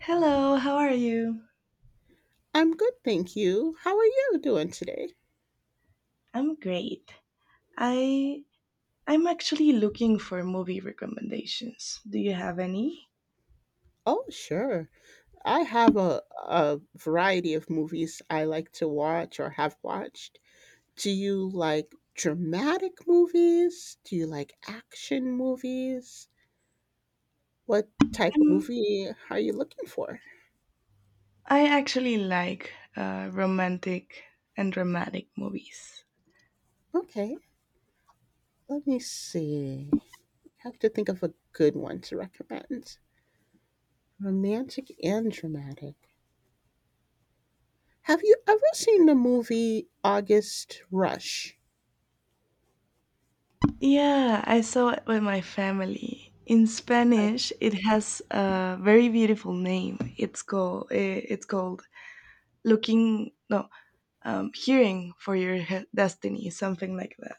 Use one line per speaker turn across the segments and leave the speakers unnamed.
Hello, how are you?
I'm good, thank you. How are you doing today?
I'm great. I I'm actually looking for movie recommendations. Do you have any?
Oh, sure. I have a variety of movies I like to watch or have watched. Do you like dramatic movies? Do you like action movies? What type of
Um,
movie are you looking for?
I actually like romantic and dramatic movies.
Okay, let me see. I have to think of a good one to recommend. Romantic and dramatic. Have you ever seen the movie August Rush?
Yeah, I saw it with my family. In Spanish, it has a very beautiful name. It's called it's called looking no hearing for your destiny, something like that.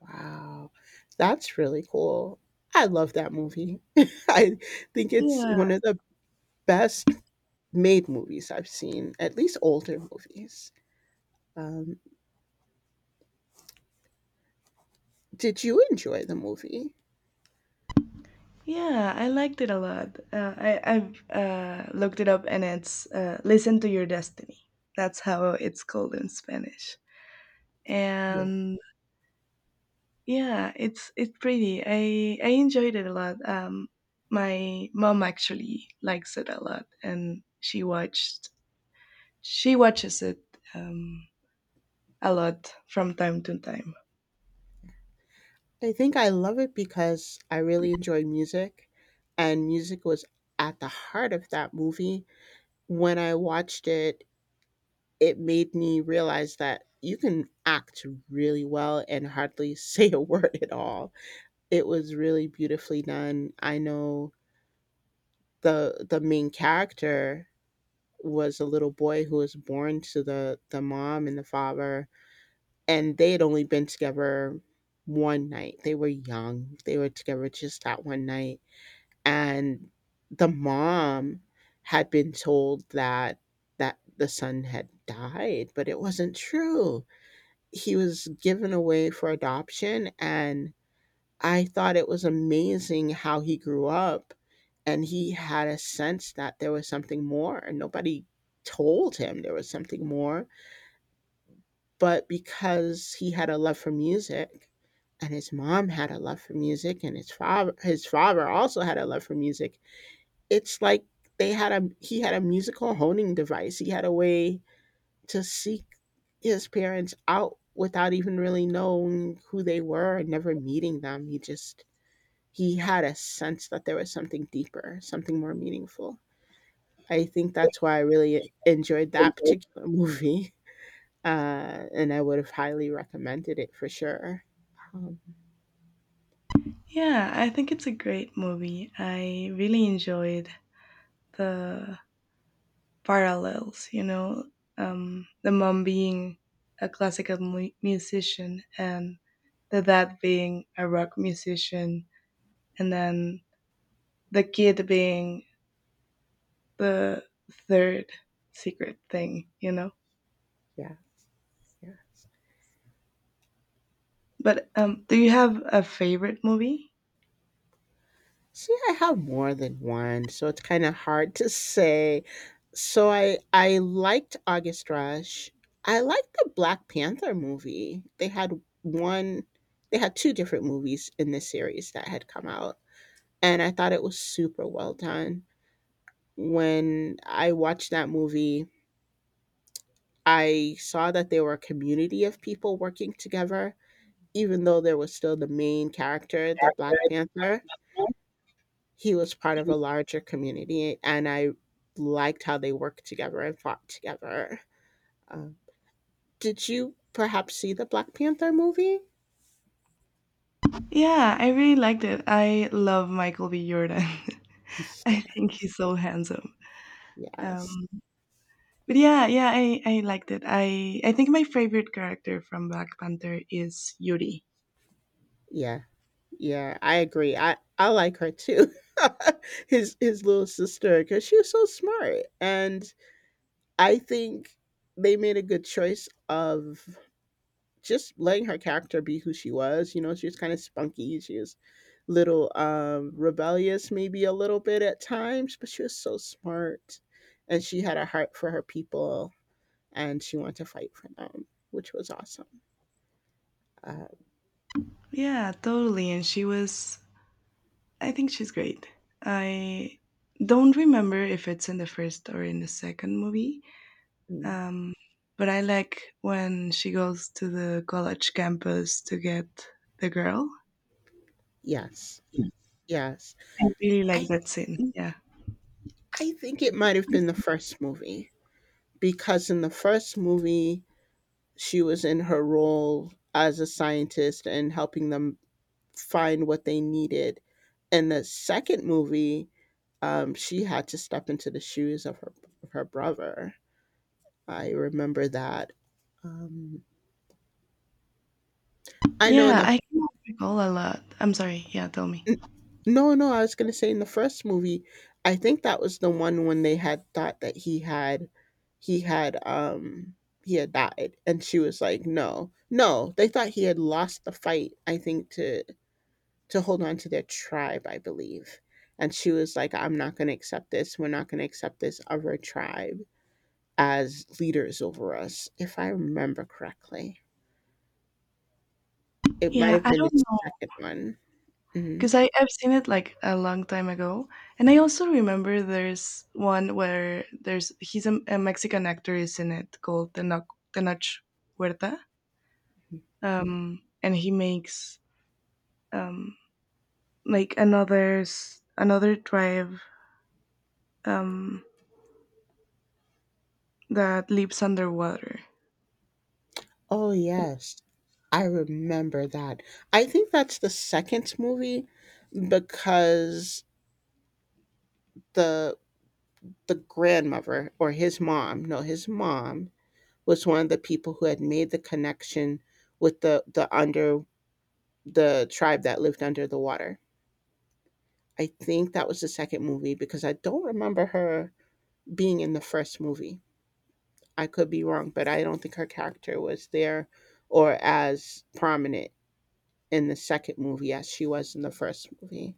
Wow, that's really cool. I love that movie. I think it's
Yeah,
one of the best made movies I've seen, at least older movies. Um, did you enjoy the movie?
yeah, I liked it a lot. I've looked it up, and it's "Listen to Your Destiny." That's how it's called in Spanish.
Yeah.
And yeah, it's pretty. I enjoyed it a lot. My mom actually likes it a lot, and she watches it um, a lot from time to time.
I think I love it because I really enjoy music, and music was at the heart of that movie. When I watched it, it made me realize that you can act really well and hardly say a word at all. It was really beautifully done. I know the main character was a little boy who was born to the mom and the father, and they had only been together one night. They were young. They were together just that one night, and the mom had been told that the son had died, but it wasn't true. He was given away for adoption, and I thought it was amazing how he grew up and he had a sense that there was something more and nobody told him there was something more, but because he had a love for music and his mom had a love for music and his father also had a love for music, it's like they had a he had a musical honing device. He had a way to seek his parents out without even really knowing who they were and never meeting them. He had a sense that there was something deeper, something more meaningful. I think that's why I really enjoyed that particular movie, and I would have highly recommended it for sure. Um,
Yeah, I think it's a great movie. I really enjoyed the parallels, you know, the mom being a classical musician and the dad being a rock musician, and then the kid being the third secret thing, you know.
yes, yes.
But do you have a favorite movie?
See, I have more than one, so it's kind of hard to say. So I liked August Rush. I liked the Black Panther movie. One, they had two different movies in this series that had come out, and I thought it was super well done. When I watched that movie, I saw that there were a community of people working together. Even though there was still the main character, the Black Panther, he was part of a larger community, and I liked how they worked together and fought together. Uh, did you perhaps see the Black Panther movie?
Yeah, I really liked it. I love Michael B. Jordan. I think he's so handsome.
Yeah, yes.
Um, but yeah, yeah, I liked it. I think my favorite character from Black Panther is Yuri.
Yeah, yeah, I agree. I like her too. His little sister, because she was so smart and I think they made a good choice of just letting her character be who she was. You know, she was kind of spunky. She was little rebellious, maybe a little bit at times, but she was so smart, and she had a heart for her people, and she wanted to fight for them, which was awesome. Uh,
Yeah, totally. I think she's great. I don't remember if it's in the first or in the second movie.
mm,
Um, but I like when she goes to the college campus to get the girl.
yes, yes.
I really like
I
that scene. Yeah.
I think it might have been the first movie because in the first movie she was in her role as a scientist and helping them find what they needed. In the second movie, she had to step into the shoes of her brother. I remember that. Um, I know in
Yeah,
the
I cannot recall a lot. I'm sorry. Yeah, tell me.
n- No, no, I was gonna say in the first movie, I think that was the one when they had thought that he had um he had died, and she was like, no, no, they thought he had lost the fight. I think to hold on to their tribe, I believe. And she was like, I'm not going to accept this. We're not going to accept this other tribe as leaders over us, if I remember correctly. It might
Yeah,
have
I
been the
don't know.
second one. Hmm.
Because I've seen it like a long time ago, and I also remember there's one where there's he's a Mexican actor is in it called Tenoch Huerta, and he makes um, like another another tribe um, that lives underwater.
Oh, yes. I remember that. I think that's the second movie because the the grandmother or his mom, no, his mom was one of the people who had made the connection with the tribe that lived under the water. I think that was the second movie because I don't remember her being in the first movie. I could be wrong, but I don't think her character was there or as prominent in the second movie as she was in the first movie.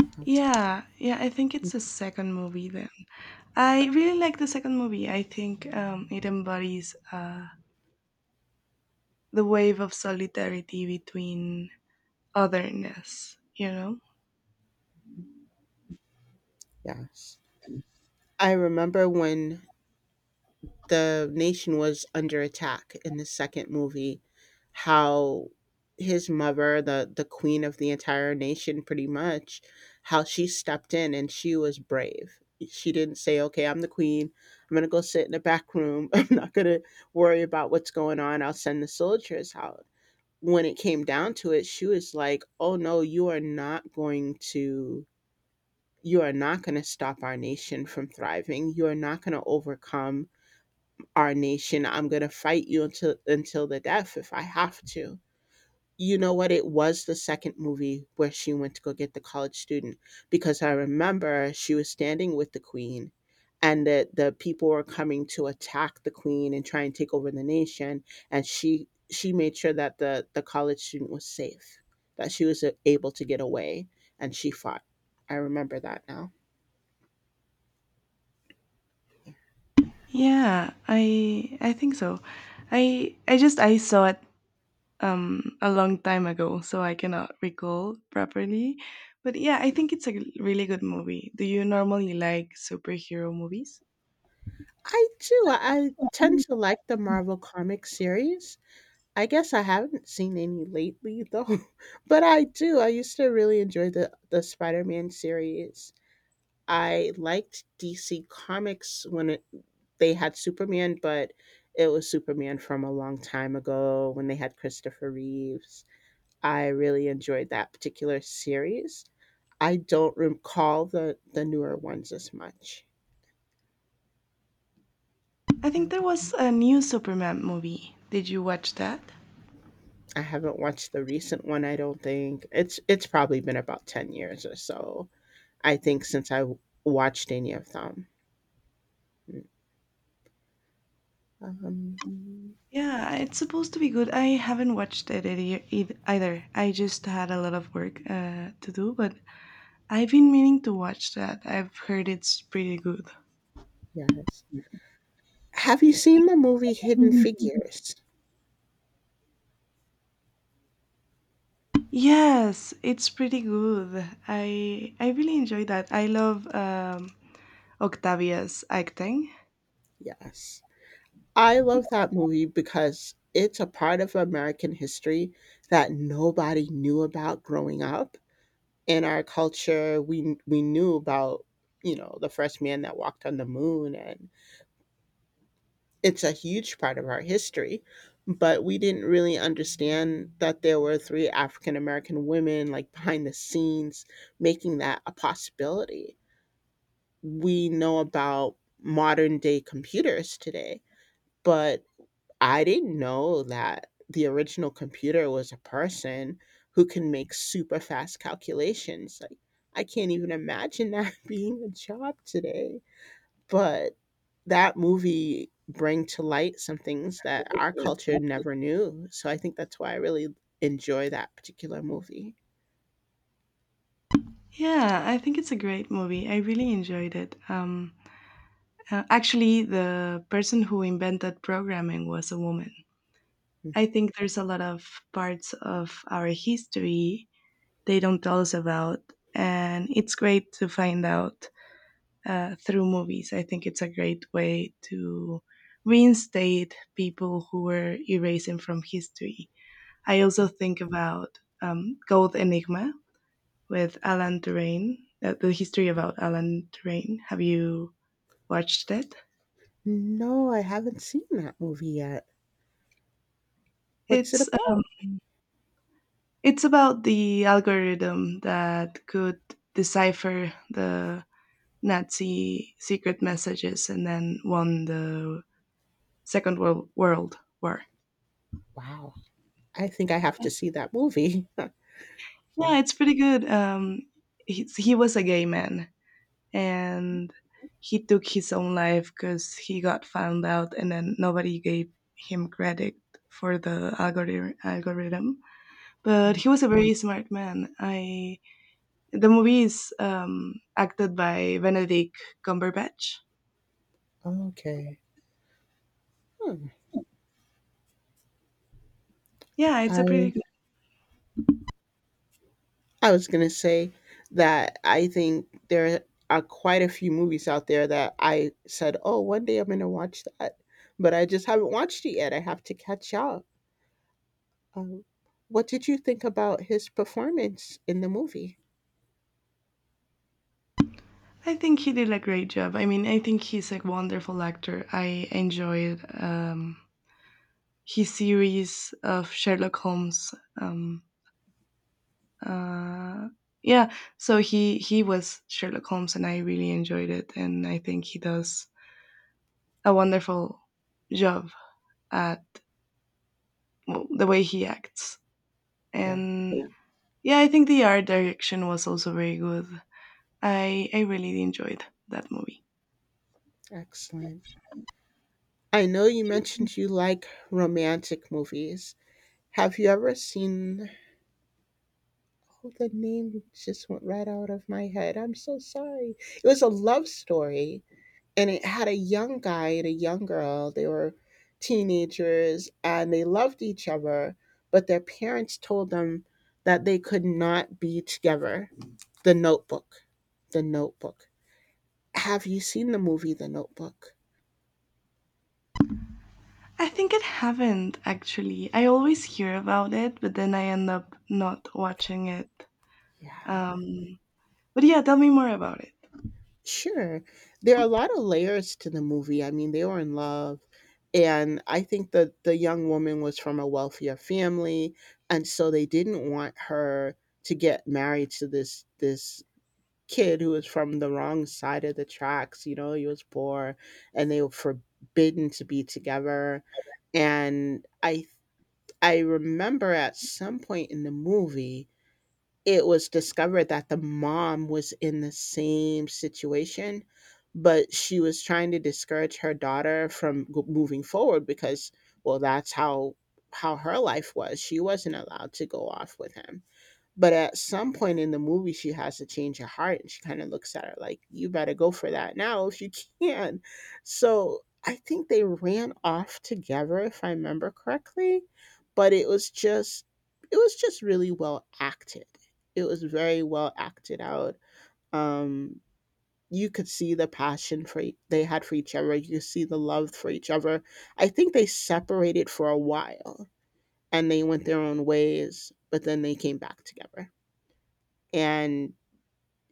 Mhm.
Yeah, yeah, I think it's the second movie then. I really like the second movie. I think it embodies the wave of solidarity between otherness, you know?
Yes. I remember when the nation was under attack in the second movie, how his mother, the queen of the entire nation pretty much, how she stepped in and she was brave. She didn't say, okay, I'm the queen, I'm going to go sit in the back room, I'm not going to worry about what's going on, I'll send the soldiers out. When it came down to it, she was like, oh no, you are not going to you are not going to stop our nation from thriving. You are not going to overcome our nation. I'm going to fight you until the death if I have to. You know what? It was the second movie where she went to go get the college student, because I remember she was standing with the queen and the people were coming to attack the queen and try and take over the nation, and she made sure that the college student was safe, that she was able to get away, and she fought. I remember that now.
Yeah, I think so. I saw it a long time ago, so I cannot recall properly. But yeah, I think it's a really good movie. Do you normally like superhero movies?
I do. I tend to like the Marvel comic series. I guess I haven't seen any lately though, but I do. I used to really enjoy the Spider-Man series. I liked DC Comics they had Superman, but it was Superman from a long time ago when they had Christopher Reeves. I really enjoyed that particular series. I don't recall the newer ones as much.
I think there was
Mhm.
a new Superman movie. Did you watch that?
I haven't watched the recent one, I don't think. It's probably been about 10 years or so. I think since I watched any of them. Um,
Yeah, it's supposed to be good. I haven't watched it either. I just had a lot of work to do, but I've been meaning to watch that. I've heard it's pretty good.
yes. Have you seen the movie Hidden Figures?
Yes, it's pretty good. I really enjoy that. I love Octavia's acting.
Yes. I love that movie because it's a part of American history that nobody knew about growing up. In our culture, we knew about, you know, the first man that walked on the moon. And it's a huge part of our history, but we didn't really understand that there were three African American women like behind the scenes making that a possibility. We know about modern day computers today, but I didn't know that the original computer was a person who can make super fast calculations. Like, I can't even imagine that being a job today. But that movie bring to light some things that our
Yeah.
culture never knew, so I think that's why I really enjoy that particular movie.
Yeah, I think it's a great movie. I really enjoyed it. Actually, the person who invented programming was a woman.
Mm,
I think there's a lot of parts of our history they don't tell us about, and it's great to find out through movies. I think it's a great way to reinstate people who were erasing from history. I also
yeah.
think about Gold Enigma with Alan Turing, the history about Alan Turing. Have you watched it?
No, I haven't seen that movie yet. What's it
It's uh,
about?
it's about the algorithm that could decipher the Nazi secret messages and then won the Second World War.
Wow. I think I have to see that movie. Yeah.
Yeah, it's pretty good. He was a gay man, and he took his own life because he got found out, and then nobody gave him credit for the algorithm. But
Mm,
he was a very smart man. I the movie is acted by Benedict Cumberbatch.
okay. Hmm.
Yeah, it's a pretty.
I
Good,
I was gonna say that I think there are quite a few movies out there that I said, "Oh, one day I'm gonna watch that," but I just haven't watched it yet. I have to catch up. Um, what did you think about his performance in the movie?
I think he did a great job. I mean, I think he's a wonderful actor. I enjoyed his series of Sherlock Holmes. Um, Uh, yeah, so he was Sherlock Holmes, and I really enjoyed it, and I think he does a wonderful job at well, the way he acts.
Yeah,
And yeah, yeah, I think the art direction was also very good. I really enjoyed that movie.
excellent. I know you mentioned you like romantic movies. Have you ever seen? Oh, the name just went right out of my head. I'm so sorry. It was a love story and it had a young guy and a young girl. They were teenagers and they loved each other, but their parents told them that they could not be together. The Notebook. The Notebook. Have you seen the movie The Notebook?
I think it haven't actually. I always hear about it, but then I end up not watching it.
Yeah.
Um, but yeah, tell me more about it.
Sure. There are a lot of layers to the movie. I mean, they were in love. And I think that the young woman was from a wealthier family. And so they didn't want her to get married to this kid who was from the wrong side of the tracks, he was poor and they were forbidden to be together. And I remember at some point in the movie it was discovered that the mom was in the same situation, but she was trying to discourage her daughter from moving forward because, well, that's how her life was. She wasn't allowed to go off with him, but at some point in the movie, she has to change her heart, and she kind of looks at her like, "You better go for that now if you can." So I think they ran off together, if I remember correctly. But it was just, really well acted. It was very well acted out. Um, you could see the passion they had for each other. You could see the love for each other. I think they separated for a while and they went their own ways, but then they came back together and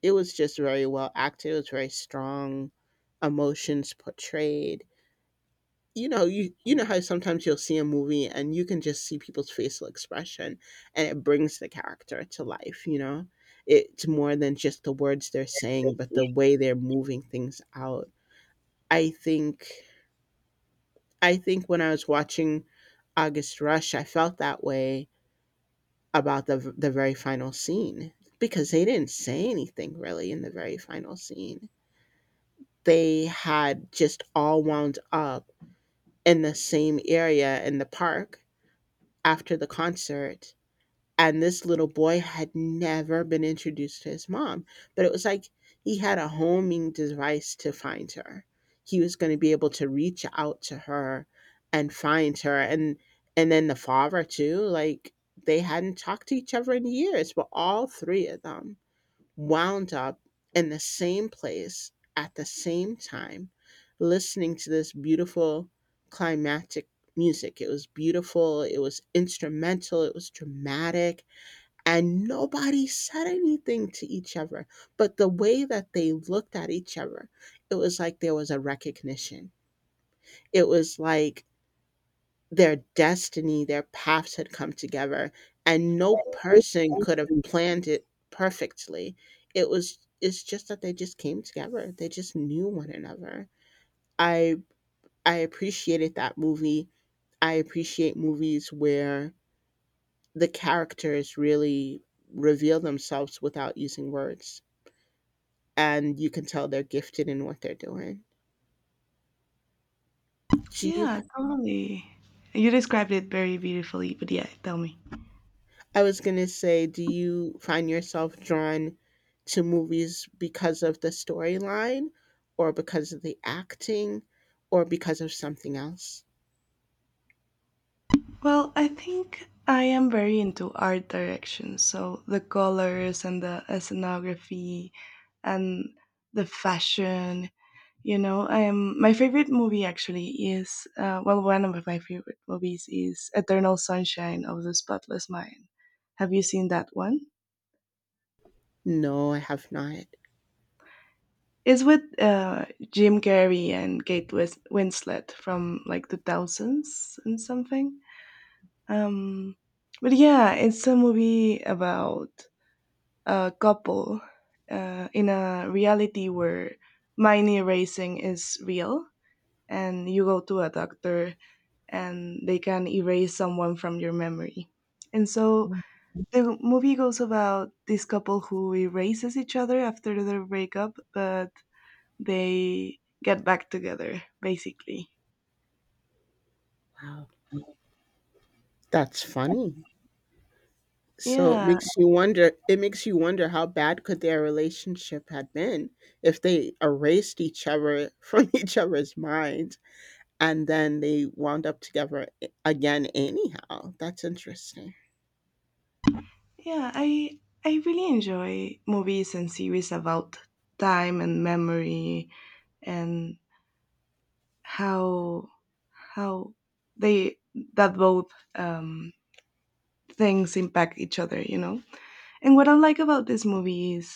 it was just very well acted. It was very strong emotions portrayed. You know how sometimes you'll see a movie and you can just see people's facial expression, and it brings the character to life, you know? It's more than just the words they're saying, but the way they're moving things out. I think I think when I was watching August Rush, I felt that way about the very final scene, because they didn't say anything really in the very final scene. They had just all wound up in the same area in the park after the concert. And this little boy had never been introduced to his mom, but it was like he had a homing device to find her. He was going to be able to reach out to her and find her. And then the father too, like, they hadn't talked to each other in years, but all three of them wound up in the same place at the same time listening to this beautiful climatic music. It was beautiful, it was instrumental, it was dramatic, and nobody said anything to each other. But the way that they looked at each other, it was like there was a recognition. It was like their destiny, their paths had come together, and no person could have planned it perfectly. It's just that they just came together. They just knew one another. I I appreciated that movie. I appreciate movies where the characters really reveal themselves without using words, and you can tell they're gifted in what they're doing. Do you
Yeah, totally. You described it very beautifully, but yeah, tell me.
I was gonna say, do you find yourself drawn to movies because of the storyline, or because of the acting, or because of something else?
Well, I think I am very into art direction, so the colors and the scenography and the fashion. You know, I am my favorite movie actually is well, one of my favorite movies is Eternal Sunshine of the Spotless Mind. Have you seen that one?
No, I have not.
It's with Jim Carrey and Kate Winslet from like the thousands and something. Um, but yeah, it's a movie about a couple in a reality where money erasing is real, and you go to a doctor and they can erase someone from your memory. And so
Oh,
the movie goes about this couple who erases each other after their breakup, but they get back together basically.
wow. That's funny. So it
Yeah,
makes you wonder. It makes you wonder how bad could their relationship had been if they erased each other from each other's minds, and then they wound up together again anyhow. That's interesting.
yeah, i really enjoy movies and series about time and memory and how how they that both things impact each other, you know. And what I like about this movie is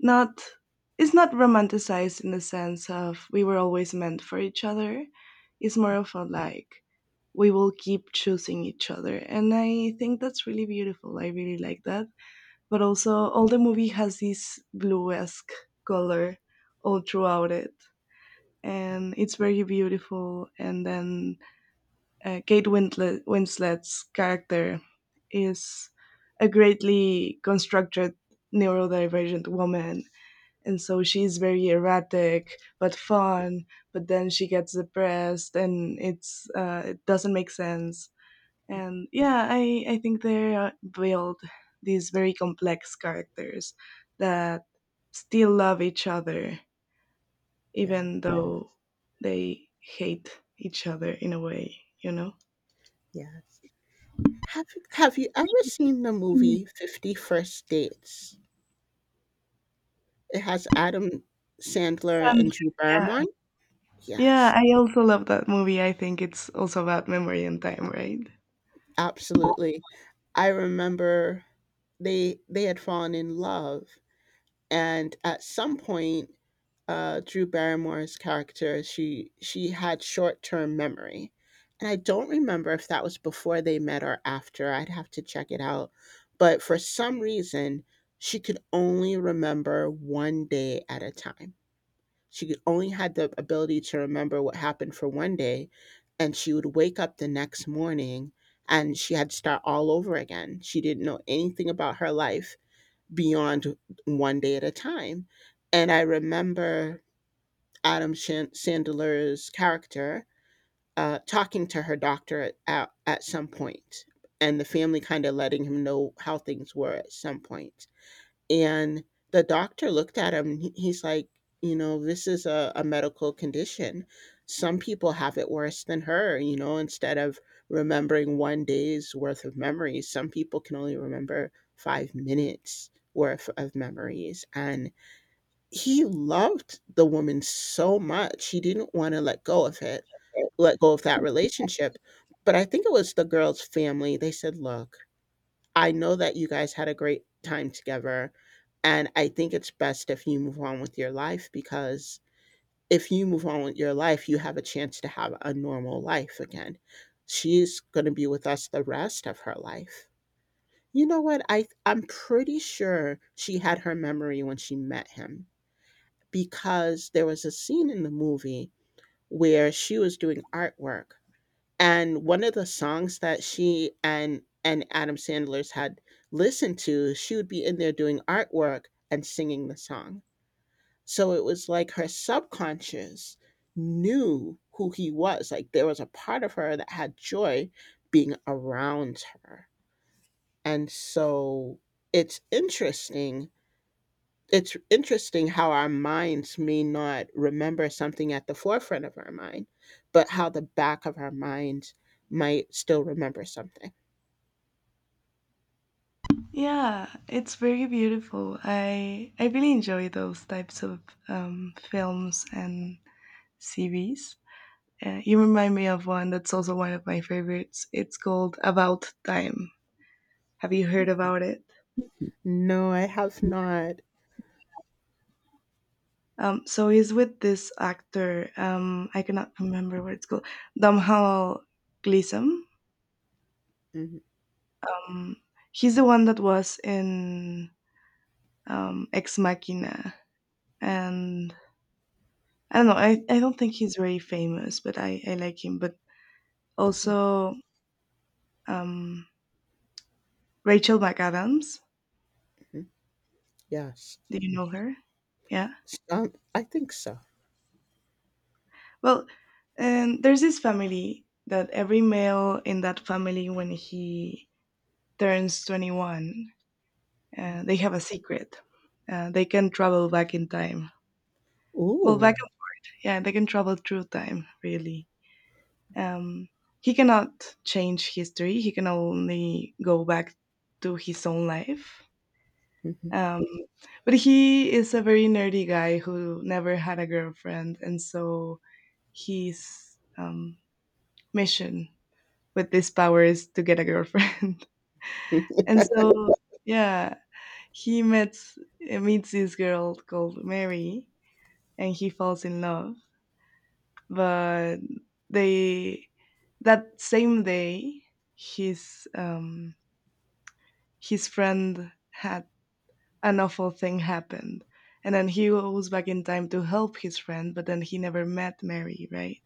not it's not romanticized in the sense of we were always meant for each other. It's more of a like we will keep choosing each other. And I think that's really beautiful. I really like that. But also all the movie has this blue-esque color all throughout it.
Yeah.
And it's very beautiful. And then Winslet's character is a greatly constructed neurodivergent woman, and so she's very erratic but fun, but then she gets depressed and it's it doesn't make sense. And yeah, i think they build these very complex characters that still love each other
Yeah.
even though they hate each other in a way, you know.
Yes. Have you ever seen the
Mm,
movie 50 First Dates? It has Adam Sandler and
Sandler,
Drew
yeah,
Barrymore?
yeah,
Yes,
I also love that movie. I think it's also about memory and time, right?
absolutely. I remember they had fallen in love, and at some point Drew Barrymore's character, she had short term memory, and I don't remember if that was before they met or after. I'd have to check it out, but for some reason, she could only remember one day at a time. She could only had the ability to remember what happened for one day, and she would wake up the next morning, and she had to start all over again. She didn't know anything about her life beyond one day at a time. And I remember Adam Sandler's character talking to her doctor at some point, and the family kind of letting him know how things were at some point. And the doctor looked at him, and he's like, this is a medical condition. Some people have it worse than her, instead of remembering one day's worth of memories, some people can only remember 5 minutes worth of memories. And he loved the woman so much. He didn't wanna let go of that relationship. But I think it was the girl's family. They said, "Look, I know that you guys had a great time together, and I think it's best if you move on with your life, because if you move on with your life, you have a chance to have a normal life again. She's gonna be with us the rest of her life." You know what? I'm pretty sure she had her memory when she met him, because there was a scene in the movie where she was doing artwork, and one of the songs that she and Adam Sandler's had listened to, she would be in there doing artwork and singing the song. So it was like her subconscious knew who he was. Like, there was a part of her that had joy being around her. And so it's interesting it's interesting how our minds may not remember something at the forefront of our mind, but how the back of our minds might still remember something.
Yeah, it's very beautiful. I really enjoy those types of films and series. You remind me of one that's also one of my favorites. It's called About Time. Have you heard
Mhm.
about it?
No, I have not.
So he's with this actor. I cannot remember what it's called. Damhal Gleeson.
Mhm.
Um, he's the one that was in Ex Machina, and I don't know. I don't think he's very famous, but I like him. But
Yeah.
also um, Rachel McAdams.
Mhm. Yes.
Do you know her? Yeah.
I think so.
Well, and there's this family that every male in that family, when he turns 21,
Mhm.
uh, they have a secret. They can travel back in time. Well,
Ooh.
yeah, they can travel through time, really. Um, he cannot change history. He can only go back to his own life.
Mhm.
Um, but he is a very nerdy guy who never had a girlfriend, and so his um, mission with this power is to get a girlfriend. And so, yeah, he meets meets this girl called Mary, and he falls in love. But they that same day, his um, his friend had an awful thing happened, and then he was back in time to help his friend, but then he never met Mary, right?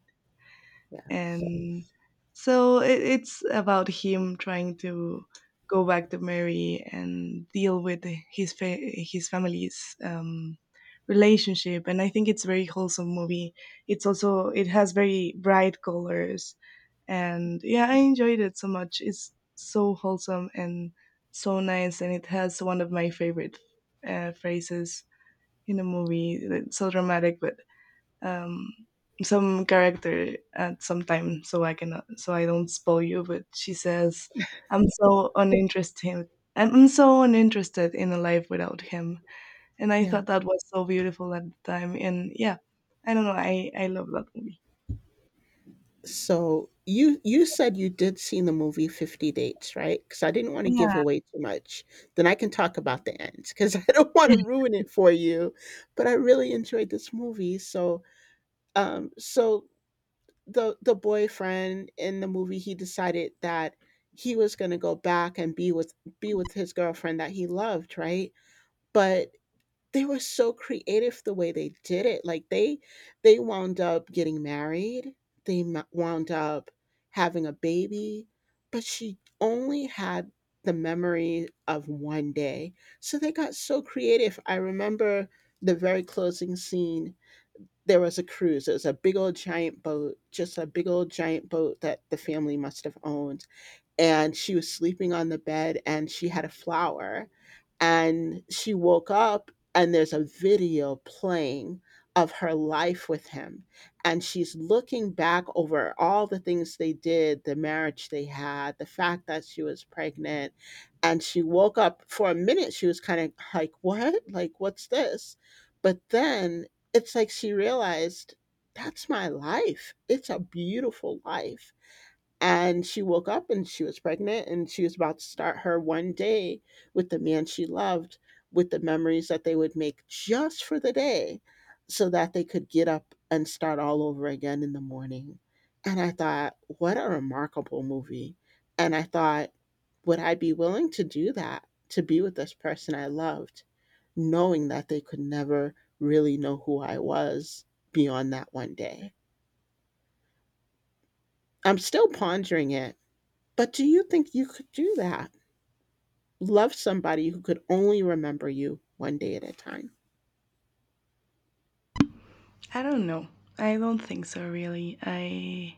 Yes.
And so it's about him trying to go back to Mary and deal with his his family's relationship. And I think it's a very wholesome movie. It's also it has very bright colors, and yeah, I enjoyed it so much. It's so wholesome and so nice, and it has one of my favorite phrases in a movie. It's so dramatic, but um, some character at some time so I can so I don't spoil you. But she says, "I'm so uninterested. I'm so uninterested in a life without him." And I
Yes.
thought that was so beautiful at the time. And yeah, I don't know. I love that movie.
So you said you did see the movie 50 Dates, right? Because I didn't want to
Yeah,
give away too much. Then I can talk about the end, because I don't want to ruin it for you. But I really enjoyed this movie. So the boyfriend in the movie, he decided that he was going to go back and be with his girlfriend that he loved, right? But they were so creative the way they did it. Like, they wound up getting married. They wound up having a baby, but she only had the memory of one day. So they got so creative. I remember the very closing scene. There was a cruise. It was a big old giant boat, just a big old giant boat that the family must have owned. And she was sleeping on the bed, and she had a flower, and she woke up, and there's a video playing of her life with him, and she's looking back over all the things they did, the marriage they had, the fact that she was pregnant. And she woke up for a minute, she was kind of like, what, like, what's this? But then it's like she realized, that's my life, it's a beautiful life. And she woke up, and she was pregnant, and she was about to start her one day with the man she loved, with the memories that they would make just for the day, so that they could get up and start all over again in the morning. And I thought, what a remarkable movie. And I thought, would I be willing to do that, to be with this person I loved, knowing that they could never really know who I was beyond that one day? I'm still pondering it, but do you think you could do that? Love somebody who could only remember you one day at a time.
I don't know. I don't think so. Really, I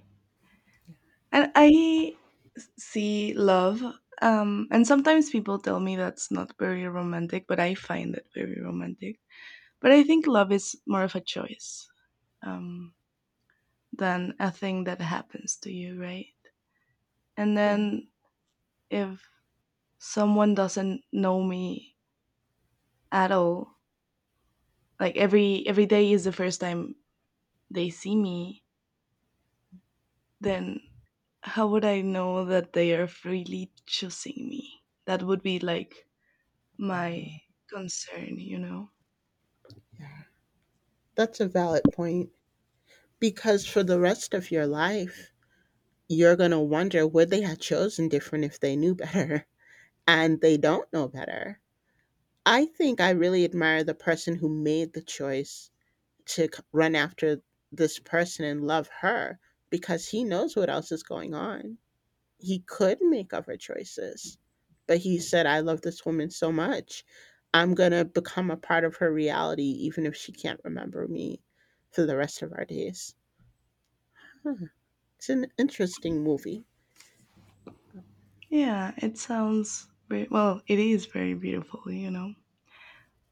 and I see love. And sometimes people tell me that's not very romantic, but I find it very romantic. But I think love is more of a choice, um, than a thing that happens to you, right? And
Yeah.
then if someone doesn't know me at all, like every day is the first time they see me, then how would I know that they are freely choosing me? That would be like my
Uh,
concern, you know?
Yeah. That's a valid point, because for the rest of your life, you're going to wonder would they have chosen different if they knew better and they don't know better. I think I really admire the person who made the choice to run after this person and love her, because he knows what else is going on, he could make other choices, but he said, I love this woman so much. I'm going to become a part of her reality, even if she can't remember me for the rest of our days. Huh. It's an interesting movie.
Yeah, it sounds very, well, it is very beautiful, you know?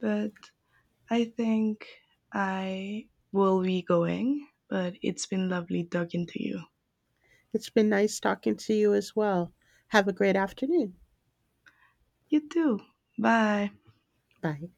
But I think I will be going, but it's been lovely talking to you.
It's been nice talking to you as well. Have a great afternoon.
You too. Bye.
Bye.